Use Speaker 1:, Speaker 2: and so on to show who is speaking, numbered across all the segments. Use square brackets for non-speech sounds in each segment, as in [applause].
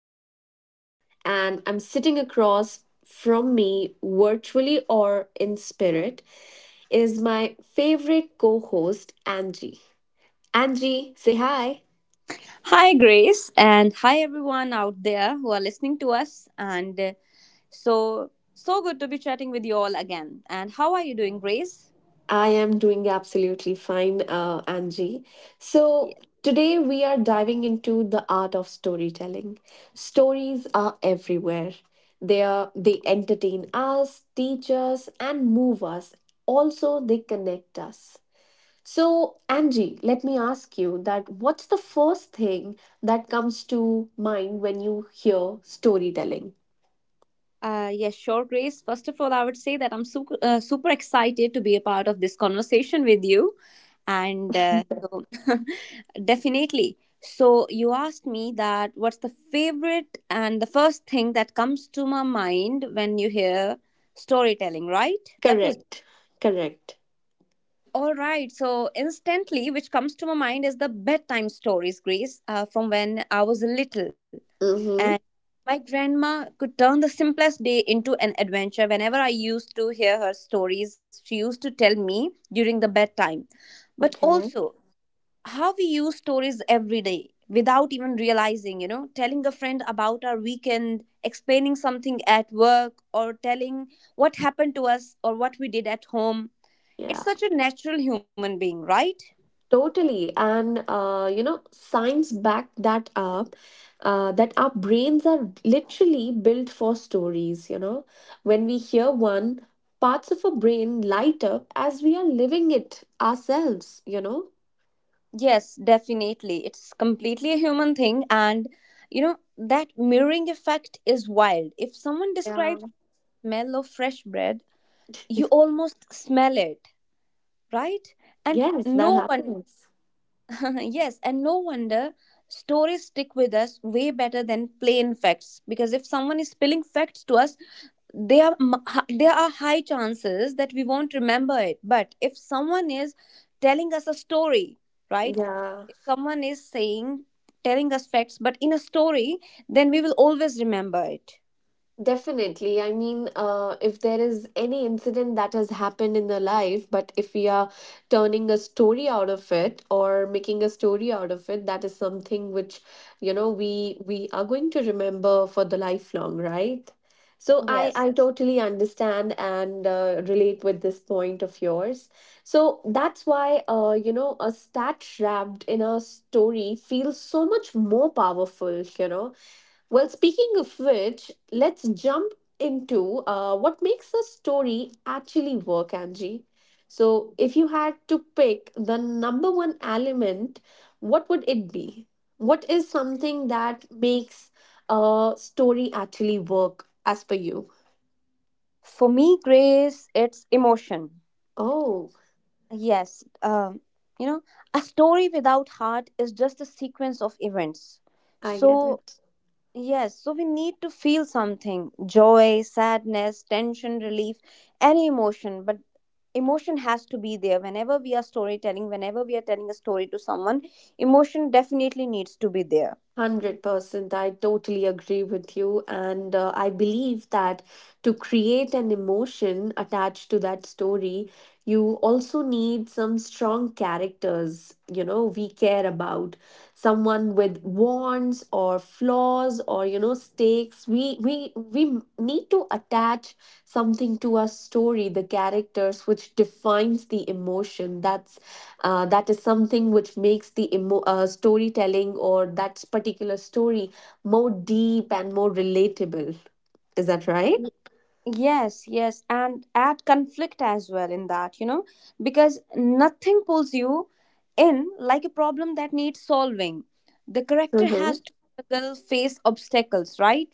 Speaker 1: I'm Grace, and I'm sitting across from me, virtually or in spirit, is my favorite co host, Angie. Angie, say hi.
Speaker 2: Hi, Grace, and hi, everyone out there who are listening to us. And so, so good to be chatting with you all again. And how are you doing, Grace?
Speaker 1: I am doing absolutely fine, Angie.
Speaker 2: Ye-
Speaker 1: So, today we are diving into the art of storytelling. Stories are everywhere. They entertain us, teach us and move us. Also, they connect us. So, Angie, let me ask you that what's the first thing that comes to mind when you hear storytelling?
Speaker 2: Yes, sure, Grace. First of all, I would say that I'm super excited to be a part of this conversation with you. And so, [laughs] definitely. So, you asked me that what's the favorite and the first thing that comes to my mind when you hear storytelling, right? That was
Speaker 1: Correct. Correct.
Speaker 2: All right. So instantly, which comes to my mind is the bedtime stories, Grace, from when I was little.
Speaker 1: Mhm.
Speaker 2: And my grandma could turn the simplest day into an adventure. Whenever I used to hear her stories, she used to tell me during the bedtime. But
Speaker 1: Okay.
Speaker 2: also, how we use stories every day without even realizing, telling a friend about our weekend, explaining something at work, or telling what happened to us or what we did at home.
Speaker 1: Yeah.
Speaker 2: It's such a natural human being, right?
Speaker 1: Totally. And, you know, science backed that up, that our brains are literally built for stories, you know. When we hear one, parts of our brain light up as we are living it ourselves, you know.
Speaker 2: Yes, definitely. It's completely a human thing. And, that mirroring effect is wild. If someone describes
Speaker 1: Yeah.
Speaker 2: the smell of fresh bread, you
Speaker 1: [laughs]
Speaker 2: almost smell it, right? And
Speaker 1: Yes, that
Speaker 2: no wonder
Speaker 1: happens.
Speaker 2: [laughs] Yes, and no wonder stories stick with us way better than plain facts, because if someone is spilling facts to us, they are m- h- there are high chances that we won't remember it. But if someone is telling us a story, right?
Speaker 1: Yeah.
Speaker 2: If someone is saying telling us facts but in a story, then we will always remember it.
Speaker 1: Definitely. I mean, if there is any incident that has happened in the life, but if we are turning a story out of it or making a story out of it, that is something which, you know, we are going to remember for the lifelong, right? So I
Speaker 2: Yes.
Speaker 1: I totally understand and relate with this point of yours. So that's why, you know, a stat wrapped in a story feels so much more powerful, you know. Well, speaking of which, let's jump into what makes a story actually work, Angie. So, if you had to pick the number one element, what would it be? What is something that makes a story actually work as per you?
Speaker 2: For me, Grace, it's emotion.
Speaker 1: Oh,
Speaker 2: Yes, you know, a story without heart is just a sequence of events.
Speaker 1: I get
Speaker 2: So,
Speaker 1: it.
Speaker 2: yes, so we need to feel something, joy, sadness, tension, relief, any emotion. But emotion has to be there. Whenever we are storytelling, whenever we are telling a story to someone, emotion definitely needs to be there.
Speaker 1: 100%. I totally agree with you. And I believe that to create an emotion attached to that story, you also need some strong characters, you know, we care about. Someone with wants or flaws or, you know, stakes. We need to attach something to our story, the characters, which defines the emotion. That is something which makes the storytelling or that particular story more deep and more relatable. Is that right?
Speaker 2: Yes, yes, and add conflict as well in that, because nothing pulls you in like a problem that needs solving. The character
Speaker 1: Mm-hmm.
Speaker 2: has to struggle, face obstacles, right?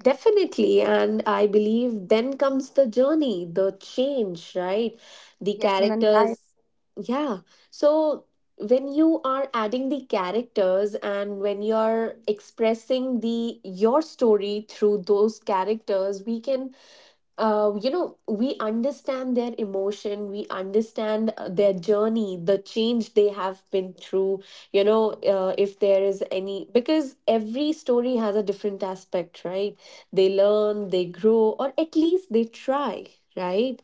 Speaker 1: Definitely. And I believe then comes the journey, the change, right? The
Speaker 2: Yes, and then I
Speaker 1: characters. Yeah. So when you are adding the characters and when you're expressing the your story through those characters, we can you know, we understand their emotion, we understand their journey, the change they have been through, you know, if there is any, because every story has a different aspect, right? They learn, they grow, or at least they try, right?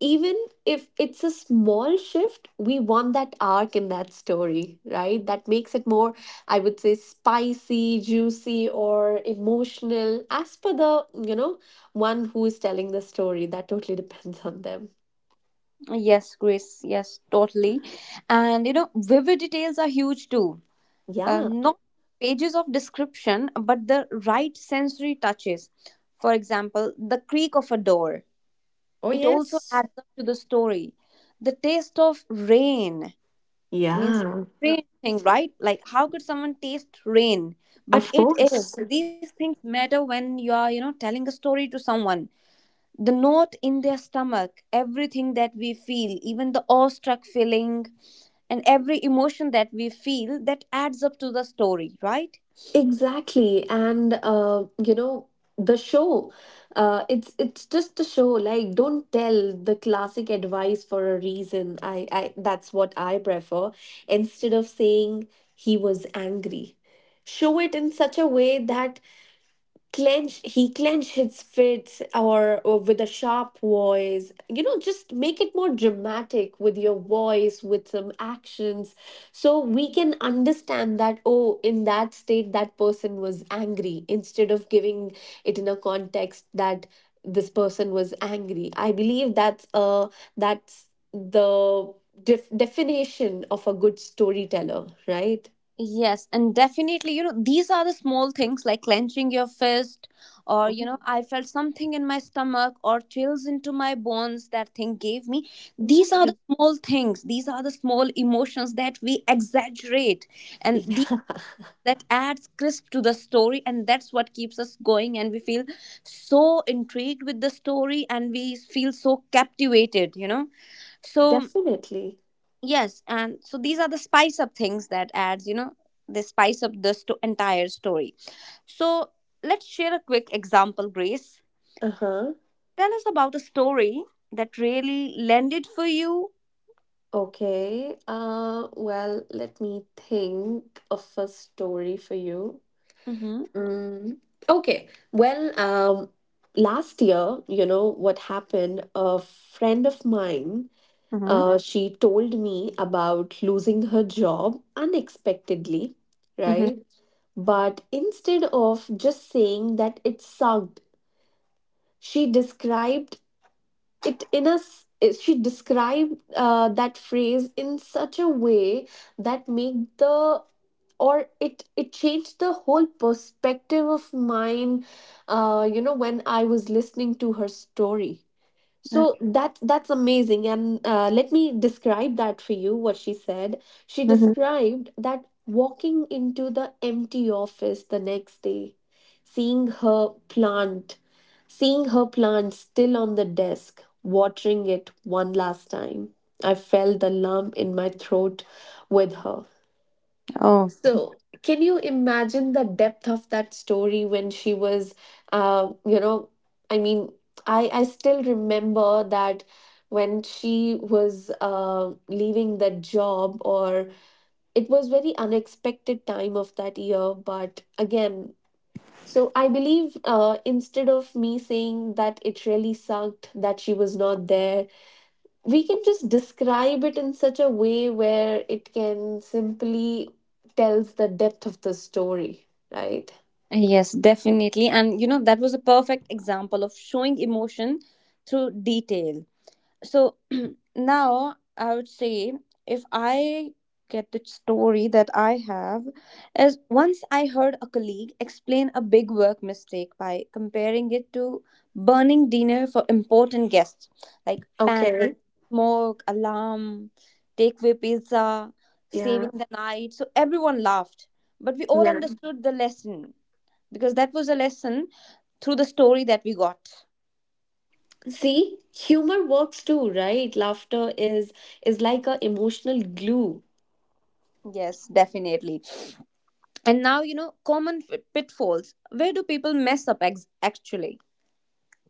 Speaker 1: Even if it's a small shift, we want that arc in that story, right? That makes it more, I would say, spicy, juicy, or emotional as per the, you know, one who's telling the story. That totally depends on them.
Speaker 2: yes, Grace, yes, totally. And you know, vivid details are huge too.
Speaker 1: Yeah.
Speaker 2: Not pages of description, but the right sensory touches. For example, the creak of a door,
Speaker 1: Oh,
Speaker 2: it also
Speaker 1: yes.
Speaker 2: adds up to the story. The taste of rain means
Speaker 1: Yeah,
Speaker 2: strange thing, right? Like how could someone taste rain? But
Speaker 1: of
Speaker 2: it is.
Speaker 1: course.
Speaker 2: These things matter when you are, telling a story to someone. The note in their stomach, everything that we feel, even the awestruck feeling and every emotion that we feel that adds up to the story, right?
Speaker 1: Exactly. And you know, the show, uh, it's just a show. Like, don't tell the classic advice for a reason. I, that's what I prefer. Instead of saying he was angry, show it in such a way that clench he clench his fists, or with a sharp voice, you know, just make it more dramatic with your voice, with some actions, so we can understand that, oh, in that state that person was angry, instead of giving it in a context that this person was angry. I believe that's the definition of a good storyteller, right?
Speaker 2: Yes, and definitely, these are the small things like clenching your fist, or, I felt something in my stomach, or chills into my bones that thing gave me. These are the
Speaker 1: Exactly.
Speaker 2: small things, these are the small emotions that we exaggerate,
Speaker 1: [laughs]
Speaker 2: and these
Speaker 1: Yeah.
Speaker 2: that adds crisp to the story, and that's what keeps us going. And we feel so intrigued with the story, and we feel so captivated. So,
Speaker 1: Definitely.
Speaker 2: yes, and so these are the spice up things that adds, they spice up the entire story. So, let's share a quick example, Grace.
Speaker 1: Uh-huh.
Speaker 2: Tell us about a story that really landed for you.
Speaker 1: Okay. Well, let me think of a story for you.
Speaker 2: Mm-hmm.
Speaker 1: Mm, okay. Well, last year, you know what happened? A friend of mine,
Speaker 2: Mm-hmm.
Speaker 1: she told me about losing her job unexpectedly,
Speaker 2: Mm-hmm.
Speaker 1: right? But instead of just saying that it sucked, she described it in a s- she described that phrase in such a way that make the, or it changed the whole perspective of mine, you know, when I was listening to her story. So
Speaker 2: Okay.
Speaker 1: that that's amazing, and let me describe that for you what she said. She
Speaker 2: Mm-hmm.
Speaker 1: described that walking into the empty office the next day, seeing her plant seeing her plant still on the desk, watering it one last time, I felt the lump in my throat with her.
Speaker 2: Oh,
Speaker 1: So, can you imagine the depth of that story when she was, you know, I mean, I still remember that when she was leaving that job, or it was very unexpected time of that year. But again, so I believe instead of me saying that it really sucked that she was not there, we can just describe it in such a way where it can simply tells the depth of the story, right?
Speaker 2: yes, definitely. And you know, that was a perfect example of showing emotion through detail. So [clears throat] now I would say, if I get the story that I have is, once I heard a colleague explain a big work mistake by comparing it to burning dinner for important guests, like panic,
Speaker 1: Okay.
Speaker 2: smoke alarm, takeaway pizza,
Speaker 1: Yeah.
Speaker 2: saving the night, so everyone laughed but we all
Speaker 1: Yeah.
Speaker 2: understood the lesson, because that was a lesson through the story that we got.
Speaker 1: See, humor works too, right? Laughter is like a emotional glue.
Speaker 2: Yes, definitely. And now, you know, common pitfalls. Where do people mess up actually?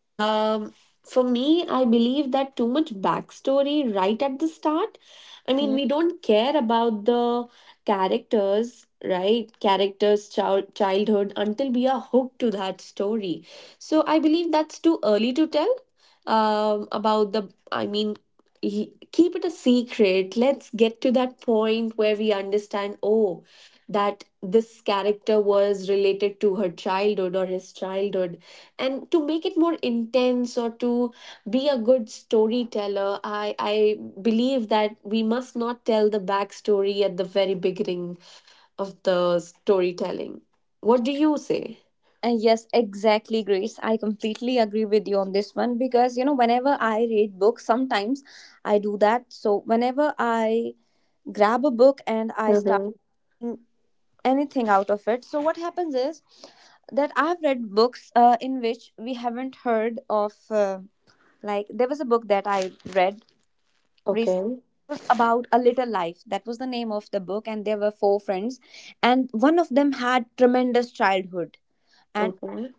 Speaker 1: Um, for me, I believe that too much backstory right at the start. I mean,
Speaker 2: Mm.
Speaker 1: we don't care about the characters, right? Characters' childhood until we are hooked to that story. So I believe that's too early to tell. About the, I mean, l- keep it a secret. Let's get to that point where we understand, oh, that this character was related to her childhood or his childhood. And to make it more intense, or to be a good storyteller, I believe that we must not tell the backstory at the very beginning of the storytelling. What do you say?
Speaker 2: And yes, exactly, Grace. I completely agree with you on this one because, you know, whenever I read books, sometimes I do that. So, whenever I grab a book and I start
Speaker 1: Hmm.
Speaker 2: reading anything out of it, so what happens is that I've read books in which we haven't heard of. Like, there was a book that I read recently,
Speaker 1: Okay.
Speaker 2: about A Little Life, that was the name of the book, and there were four friends, and one of them had tremendous childhood, and
Speaker 1: Okay.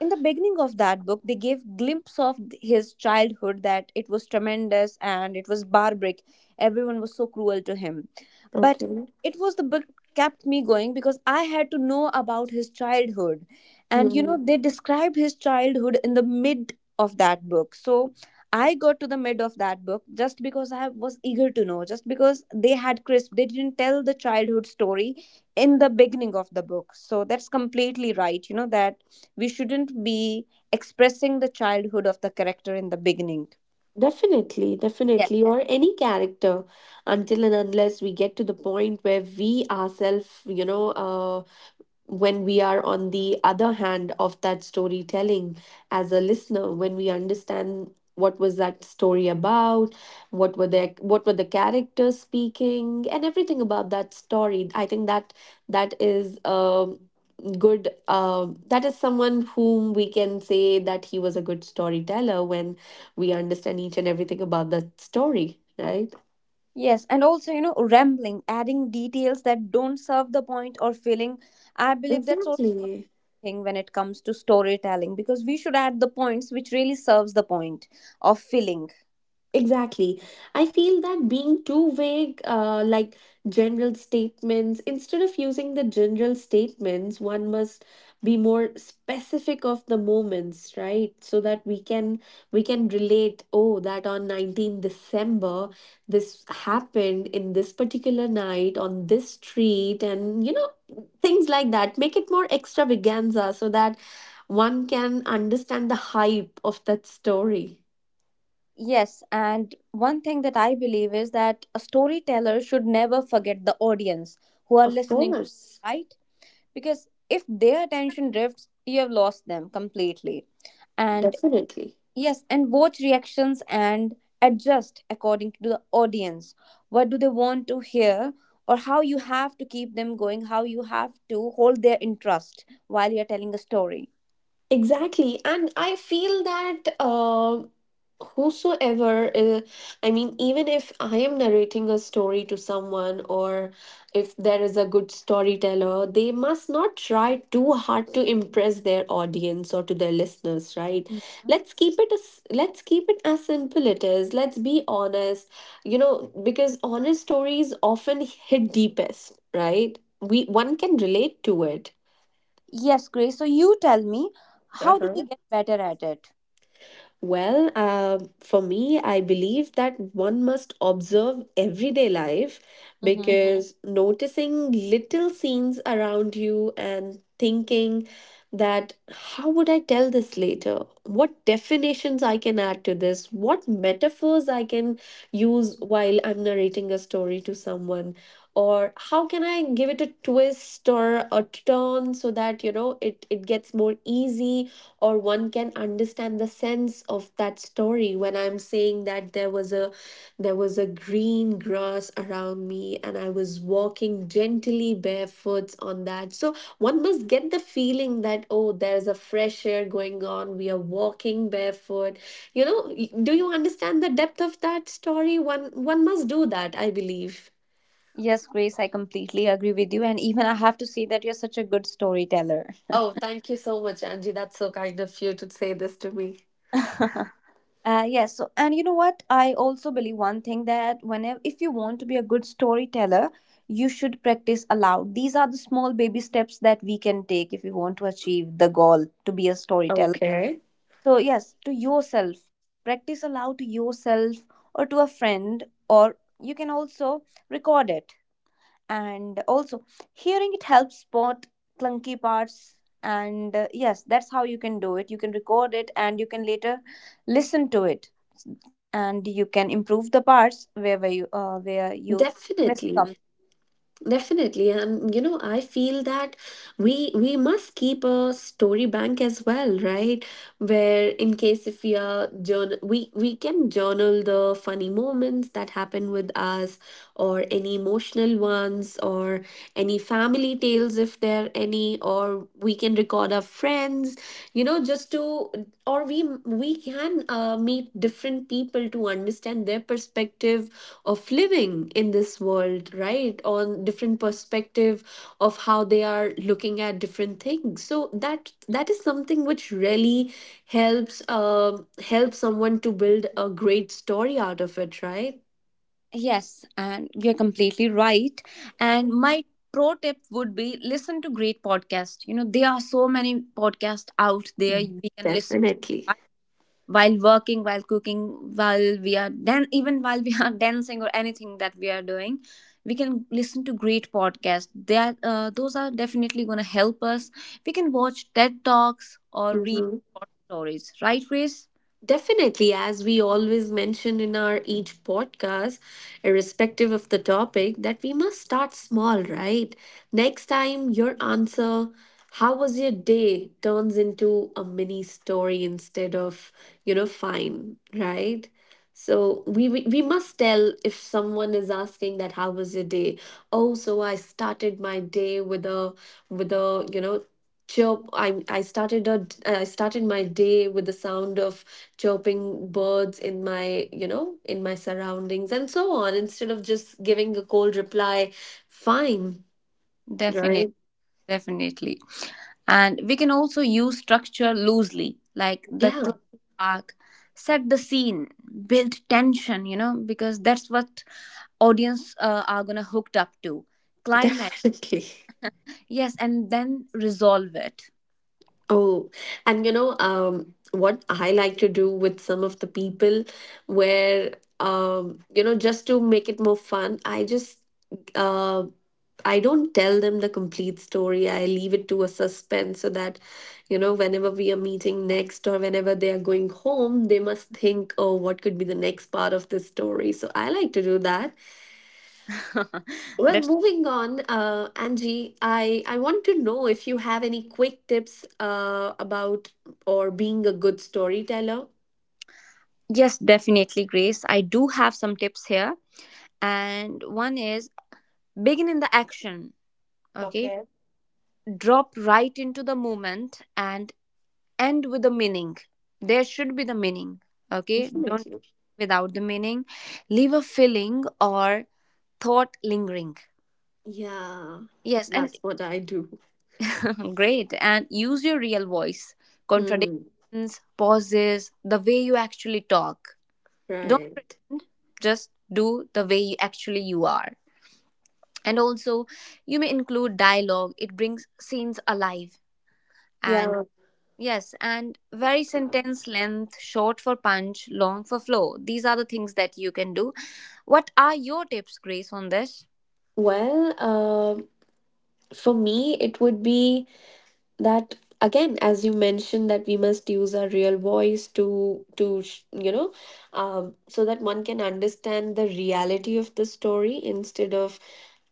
Speaker 2: in the beginning of that book they gave glimpse of his childhood, that it was tremendous and it was barbaric, everyone was so cruel to him. But
Speaker 1: Okay.
Speaker 2: it was, the book kept me going, because I had to know about his childhood. And, you
Speaker 1: Hmm.
Speaker 2: know, they described his childhood in the mid of that book. So I got to the mid of that book just because I was eager to know, just because they had crisp, they didn't tell the childhood story in the beginning of the book. So that's completely right, you know, that we shouldn't be expressing the childhood of the character in the beginning.
Speaker 1: Definitely,
Speaker 2: Yes.
Speaker 1: definitely, or any character until and unless we get to the point where we ourselves, you know, when we are on the other hand of that storytelling, as a listener, when we understand what was that story about, what were their, what were the characters speaking, and everything about that story. I think that that is a good, that is someone whom we can say that he was a good storyteller when we understand each and everything about that story, right?
Speaker 2: Yes, and also, you know, rambling, adding details that don't serve the point or feeling, I believe that's also
Speaker 1: Exactly.
Speaker 2: a thing when it comes to storytelling, because we should add the points which really serves the point of feeling.
Speaker 1: Exactly. I feel that being too vague, like general statements, instead of using the general statements, one must be more specific of the moments, right? So that we can, we can relate, oh, that on 19th December this happened, in this particular night, on this street, and, you know, things like that. Make it more extravaganza so that one can understand the hype of that story.
Speaker 2: Yes. And one thing that I believe is that a storyteller should never forget the audience who are
Speaker 1: Of
Speaker 2: listening,
Speaker 1: course.
Speaker 2: right? Because if their attention drifts, you have lost them completely. And
Speaker 1: Definitely.
Speaker 2: yes, and watch reactions and adjust according to the audience. What do they want to hear, or how you have to keep them going, how you have to hold their interest while you're telling a story.
Speaker 1: Exactly. And I feel that whosoever, I mean, even if I am narrating a story to someone, or if there is a good storyteller, they must not try too hard to impress their audience or to their listeners, right?
Speaker 2: Mhm.
Speaker 1: Let's keep it as simple it is. Let's be honest, you know, because honest stories often hit deepest, right? We one can relate to it.
Speaker 2: Yes, Grace. So you tell me,
Speaker 1: Uh
Speaker 2: how do
Speaker 1: huh.
Speaker 2: we get better at it?
Speaker 1: Well, for me, I believe that one must observe everyday life. Hmm.
Speaker 2: Hmm.
Speaker 1: Because noticing little scenes around you and thinking, that how would I tell this later? What definitions I can add to this? What metaphors I can use while I'm narrating a story to someone? Or how can I give it a twist or a turn so that, you know, it gets more easy, or one can understand the sense of that story. When I'm saying that there was a green grass around me and I was walking gently barefoot on that, so one must get the feeling that, oh, there's a fresh air going on, we are walking barefoot, you know. Do you understand the depth of that story? One must do that, I believe.
Speaker 2: Yes, Grace, I completely agree with you. And even I have to say that you're such a good storyteller.
Speaker 1: Oh, thank you so much, Angie. That's so kind of you to say this to me.
Speaker 2: [laughs] Yes. So, and you know what? I also believe one thing that, if you want to be a good storyteller, you should practice aloud. These are the small baby steps that we can take if we want to achieve the goal to be a storyteller.
Speaker 1: Okay.
Speaker 2: So, yes, to yourself, practice aloud to yourself, or to a friend, or you can also record it, and also hearing it helps spot clunky parts. And yes, that's how you can do it. You can record it, and you can later listen to it, and you can improve the parts where you miss some.
Speaker 1: Definitely. Definitely, and you know, I feel that we must keep a story bank as well, right? Where in case if we are journal, we can journal the funny moments that happen with us, or any emotional ones, or any family tales if there are any, or we can record our friends, you know, just to, or we can meet different people to understand their perspective of living in this world, right? On different perspective of how they are looking at different things, so that that is something which really helps, help someone to build a great story out of it, right?
Speaker 2: Yes, and you're completely right. And my pro tip would be, listen to great podcasts. There are so many podcasts out there
Speaker 1: Mm,
Speaker 2: we can listen,
Speaker 1: definitely.
Speaker 2: while working, while cooking, while we are dan- even while we are [laughs] dancing, or anything that we are doing, we can listen to great podcasts. Those are definitely going to help us. We can watch TED talks or read
Speaker 1: Hmm.
Speaker 2: short stories, right, Reese?
Speaker 1: Definitely, as we always mention in our each podcast, irrespective of the topic, that we must start small, right? Next time, your answer, how was your day, turns into a mini story instead of, you know, fine, right? So we must tell, if someone is asking that how was your day? Oh, so I started my day with a with a chirp I started a I started my day with the sound of chirping birds in my you know in my surroundings and so on, instead of just giving a cold reply, fine,
Speaker 2: Definitely.
Speaker 1: right?
Speaker 2: Definitely. And we can also use structure loosely, like the
Speaker 1: Yeah.
Speaker 2: classic arc, set the scene, build tension, because that's what audience are gonna hooked up to. Climax.
Speaker 1: [laughs] Definitely.
Speaker 2: Yes, and then resolve it.
Speaker 1: Oh, and you know, what I like to do with some of the people where, you know, just to make it more fun, I just uh. I don't tell them the complete story. I leave it to a suspense so that, you know, whenever we are meeting next or whenever they are going home, they must think, oh, what could be the next part of this story? So I like to do that.
Speaker 2: [laughs]
Speaker 1: Well,
Speaker 2: That's
Speaker 1: moving on, Angie, I want to know if you have any quick tips about or being a good storyteller.
Speaker 2: Yes, definitely, Grace. I do have some tips here. And one is, begin in the action, okay?
Speaker 1: Okay,
Speaker 2: Drop right into the moment, and end with the meaning. There should be the meaning, okay? Don't
Speaker 1: definitely.
Speaker 2: without the meaning. Leave a feeling or thought lingering.
Speaker 1: Yeah,
Speaker 2: Yes, and
Speaker 1: that's what I do.
Speaker 2: [laughs] great. And use your real voice,
Speaker 1: Hmm,
Speaker 2: contradictions, pauses, the way you actually talk. Don't
Speaker 1: right.
Speaker 2: pretend, just do the way you actually you are. And also, you may include dialogue, it brings scenes alive. And
Speaker 1: Yeah.
Speaker 2: yes, and very sentence length, short for punch, long for flow. These are the things that you can do. What are your tips, Grace, on this?
Speaker 1: Well, for me it would be that, again, as you mentioned, that we must use our real voice to, so that one can understand the reality of the story instead of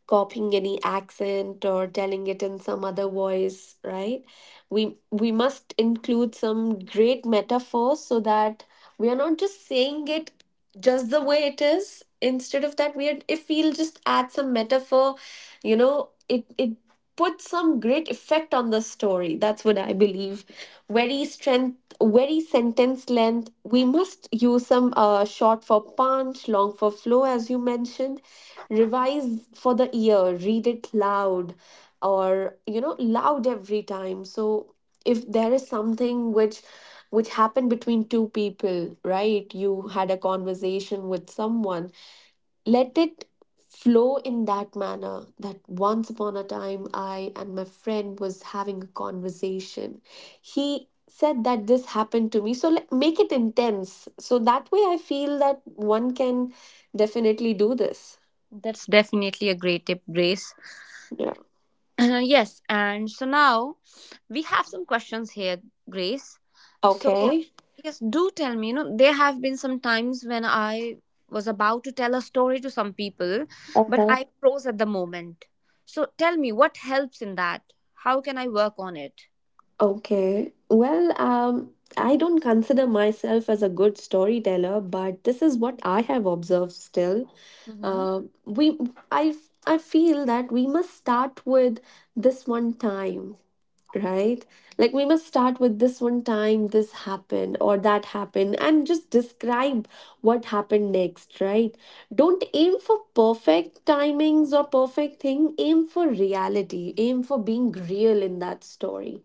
Speaker 1: copying any accent or telling it in some other voice, right? We must include some great metaphors, so that we are not just saying it just the way it is. Instead of that, we are, if we'll just add some metaphor, you know, it put some great effect on the story. That's what I believe. Very strength, very sentence length, we must use some, short for punch, long for flow, as you mentioned. Revise for the ear, read it loud, or you know, loud every time. So if there is something which happened between two people, right, you had a conversation with someone, let it flow in that manner, that once upon a time, I and my friend was having a conversation, he said that this happened to me, so let, make it intense, so that way I feel that one can definitely do this.
Speaker 2: That's definitely a great tip, Grace.
Speaker 1: Yeah.
Speaker 2: Yes, and so now we have some questions here, Grace. So,
Speaker 1: Okay.
Speaker 2: yes, do tell me. There have been some times when I was about to tell a story to some people, but I froze at the moment. So, tell me what helps in that? How can I work on it?
Speaker 1: Okay. Well, I don't consider myself as a good storyteller, but this is what I have observed still.
Speaker 2: Mm-hmm.
Speaker 1: Uh, we, I feel that we must start with this one time, right? Like we must start with this one time this happened or that happened, and just describe what happened next, right? Don't aim for perfect timings or perfect thing. Aim for reality. Aim for being real in that story.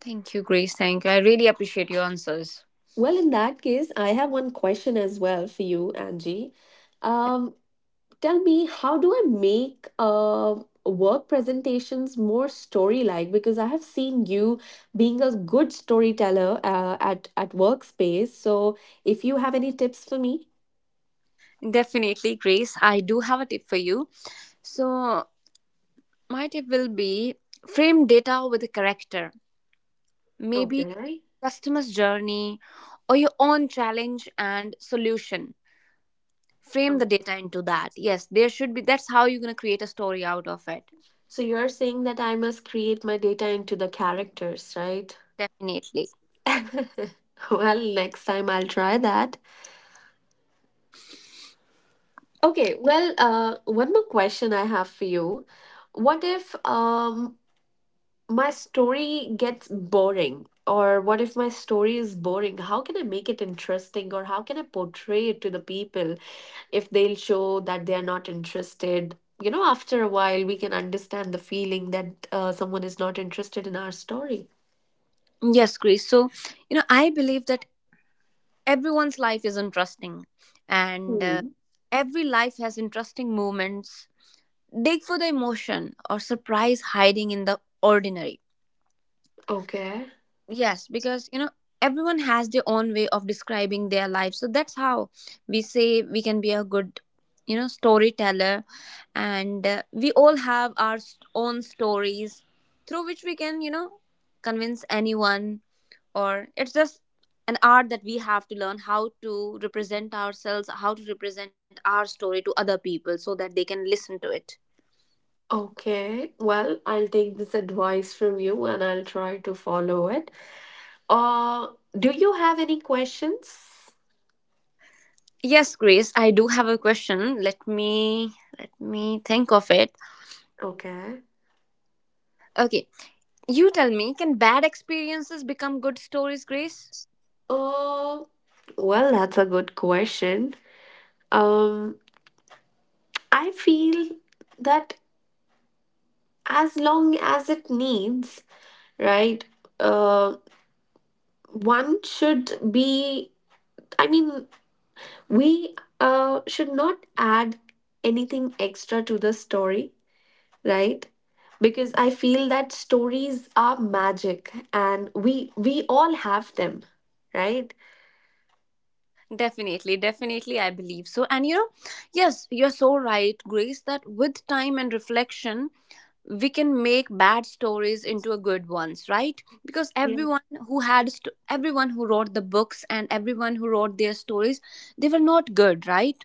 Speaker 2: Thank you, Grace. Thank you. I really appreciate your answers.
Speaker 1: Well, in that case, I have one question as well for you, Angie. Um, tell me, how do I make work presentations more story-like? Because I have seen you being a good storyteller at workspace. So, if you have any tips for me,
Speaker 2: Definitely, Grace. I do have a tip for you. So, my tip will be, frame data with a character, maybe
Speaker 1: okay.
Speaker 2: customer's journey, or your own challenge and solution. Frame
Speaker 1: Oh.
Speaker 2: the data into that. Yes, there should be. That's how you're going to create a story out of it.
Speaker 1: So you're saying that I must create my data into the characters, right?
Speaker 2: Definitely.
Speaker 1: [laughs] Well, next time I'll try that. Okay, well, one more question I have for you. What if my story gets boring? Or what if my story is boring? How can I make it interesting? Or how can I portray it to the people if they'll show that they're not interested? You know, after a while, we can understand the feeling that someone is not interested in our story.
Speaker 2: Yes, Grace. So I believe that everyone's life is interesting. And
Speaker 1: Hmm.
Speaker 2: every life has interesting moments. Dig for the emotion or surprise hiding in the ordinary.
Speaker 1: Okay.
Speaker 2: Yes, because everyone has their own way of describing their life. So that's how we say we can be a good, storyteller. And we all have our own stories through which we can, convince anyone. Or it's just an art that we have to learn, how to represent ourselves, how to represent our story to other people so that they can listen to it.
Speaker 1: Okay. Well, I'll take this advice from you and I'll try to follow it. Uh, do you have any questions?
Speaker 2: Yes, Grace, I do have a question. Let me think of it.
Speaker 1: Okay.
Speaker 2: Okay, you tell me, can bad experiences become good stories, Grace?
Speaker 1: Uh, well, that's a good question. Um, I feel that as long as it needs, right? Uh, one should be. I mean, we should not add anything extra to the story, right? Because I feel that stories are magic, and we all have them, right?
Speaker 2: Definitely, definitely, I believe so. And yes, you're so right, Grace, that with time and reflection, we can make bad stories into a good ones, right? Because everyone everyone who wrote the books and everyone who wrote their stories, they were not good, right?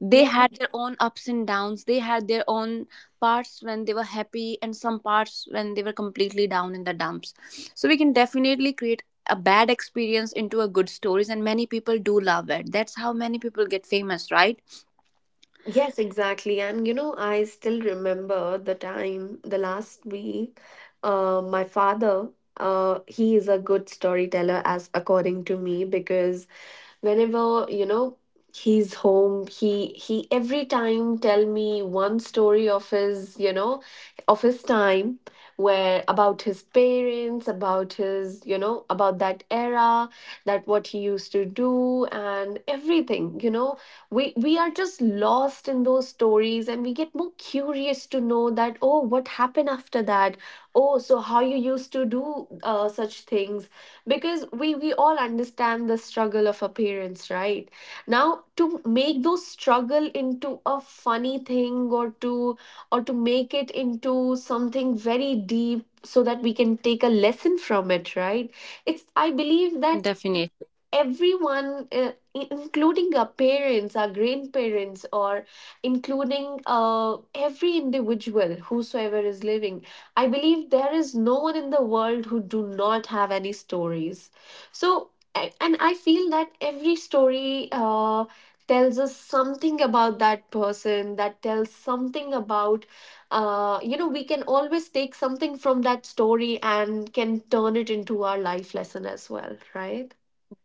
Speaker 2: They
Speaker 1: Yeah.
Speaker 2: had their own ups and downs, they had their own parts when they were happy and some parts when they were completely down in the dumps. So we can definitely create a bad experience into a good stories, and many people do love it. That's how many people get famous, right?
Speaker 1: Yes, exactly. And you know, I still remember the time, the last week, my father, he is a good storyteller, as according to me, because whenever you know he's home, he every time tell me one story of his, you know, of his time, where, about his parents, about his, you know, about that era, that what he used to do and everything, you know, we are just lost in those stories, and we get more curious to know that, oh, what happened after that, oh, so how you used to do such things. Because we all understand the struggle of our parents, right, now to make those struggle into a funny thing, or to, or to make it into something very deep, so that we can take a lesson from it, right? It's, I
Speaker 2: Definitely.
Speaker 1: believe that everyone, including our parents, our grandparents, or including, every individual whosoever is living, I believe there is no one in the world who do not have any stories. So, and I feel that every story, tells us something about that person, that tells something about, you know, we can always take something from that story and can turn it into our life lesson as well, right?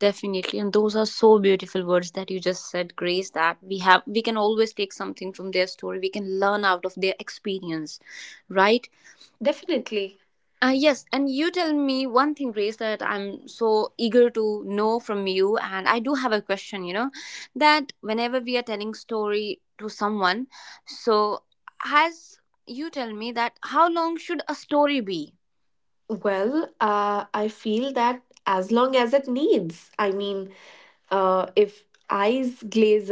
Speaker 2: Definitely. And those are so beautiful words that you just said, Grace, that we can always take something from their story, we can learn out of their experience, right?
Speaker 1: Definitely.
Speaker 2: Yes, and you tell me one thing, Grace, that I'm so eager to know from you. And I do have a question, that whenever we are telling story to someone, so has you tell me that how long should a story be?
Speaker 1: Well, I feel that as long as it needs. I mean, uh, if eyes glaze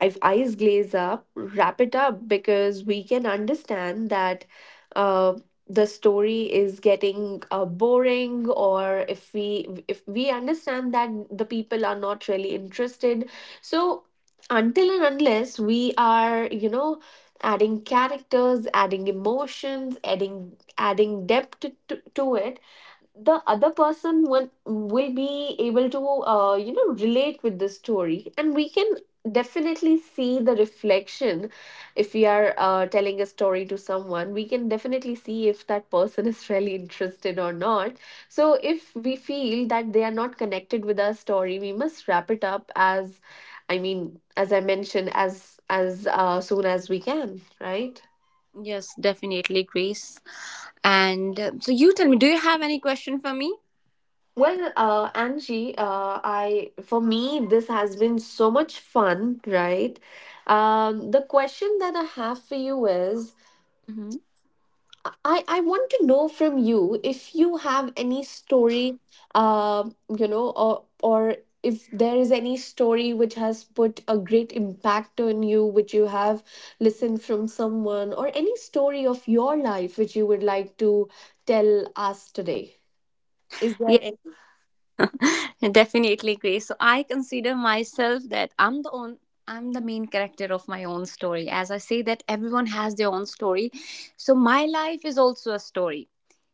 Speaker 1: if eyes glaze up, wrap it up, because we can understand that, uh, the story is getting boring, or if we, understand that the people are not really interested. So, until and unless we are, you know, adding characters, adding emotions, adding depth to it, the other person will be able to, you know, relate with the story, and we can definitely see the reflection. If we are, telling a story to someone, we can definitely see if that person [laughs] is really interested or not. So if we feel that they are not connected with our story, we must wrap it up as, I mean, as I mentioned, as soon as we can, right?
Speaker 2: Yes, definitely, Grace. And so you tell me, do you have any question for me?
Speaker 1: Well, Angie, I, for me this has been so much fun, right? The question that I have for you is,
Speaker 2: Mm-hmm.
Speaker 1: I want to know from you if you have any story, you know, or if there is any story which has put a great impact on you, which you have listened from someone, or any story of your life which you would like to tell us today. Is there any?
Speaker 2: [laughs] Definitely, Grace. So I consider myself that I'm the main character of my own story. As I say that everyone has their own story. So my life is also a story,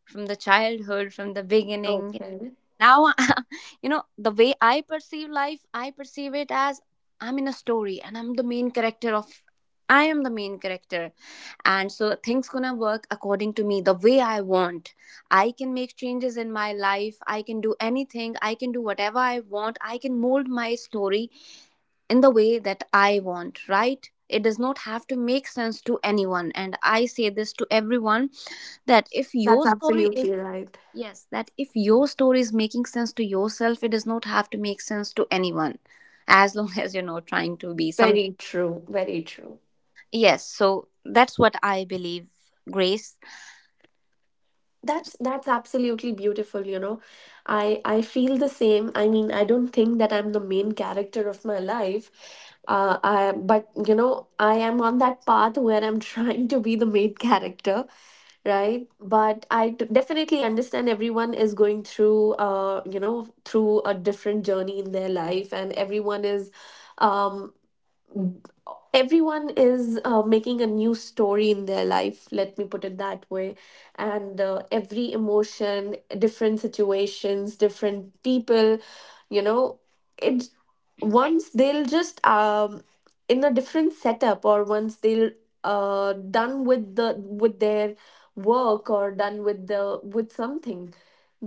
Speaker 2: from the childhood, from the beginning.
Speaker 1: Okay.
Speaker 2: Now [laughs] the way I perceive life, I perceive it as, I'm in a story and I am the main character. And so things gonna work according to me the way I want. I can make changes in my life, I can do anything, I can do whatever I want, I can mold my story in the way that I want, right? It does not have to make sense to anyone. And I say this to everyone that if
Speaker 1: That's
Speaker 2: your story is
Speaker 1: absolutely right.
Speaker 2: yes, that if your story is making sense to yourself, it does not have to make sense to anyone, as long [laughs] as you're not trying to be some.
Speaker 1: Very true. Very true.
Speaker 2: Yes, so that's what I believe, Grace.
Speaker 1: That's absolutely beautiful, you know. I feel the same. I mean, I don't think that I'm the main character of my life. But you know, I am on that path where I'm [laughs] trying to be the main character, right? But I definitely understand everyone is going through, you know, through a different journey in their life, and everyone is um everyone is, making a new story in their life, let me put it that way. And every emotion, different situations, different people, you know, it. Once they'll just in a different setup, or once they'll done with the, with their work, or done with the, with something,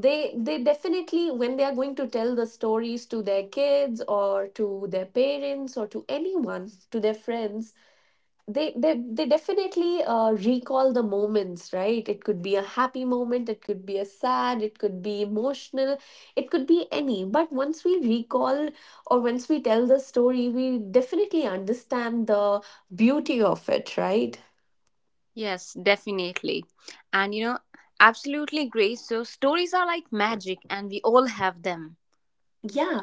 Speaker 1: they definitely, when they are going to tell the stories to their kids or to their parents or to anyone, to their friends, they definitely recall the moments, right? It could be a happy moment, it could be a sad, it could be emotional, it could be any, but once we recall, or once we tell the story, we definitely understand the beauty of it, right?
Speaker 2: Yes, definitely. And absolutely, Grace. So stories are like magic and we all have them.
Speaker 1: Yeah.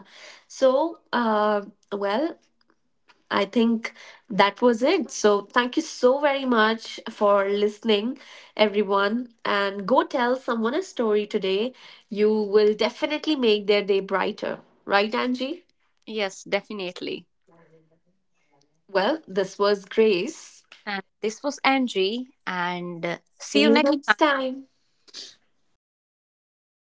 Speaker 1: So, well, I think that was it. So, thank you so very much for listening, everyone. And go tell someone a story today. You will definitely make their day brighter. Right, Angie?
Speaker 2: Yes, definitely.
Speaker 1: Well, this was Grace.
Speaker 2: And this was Angie, and see
Speaker 1: See
Speaker 2: you
Speaker 1: you
Speaker 2: next time.
Speaker 1: next time.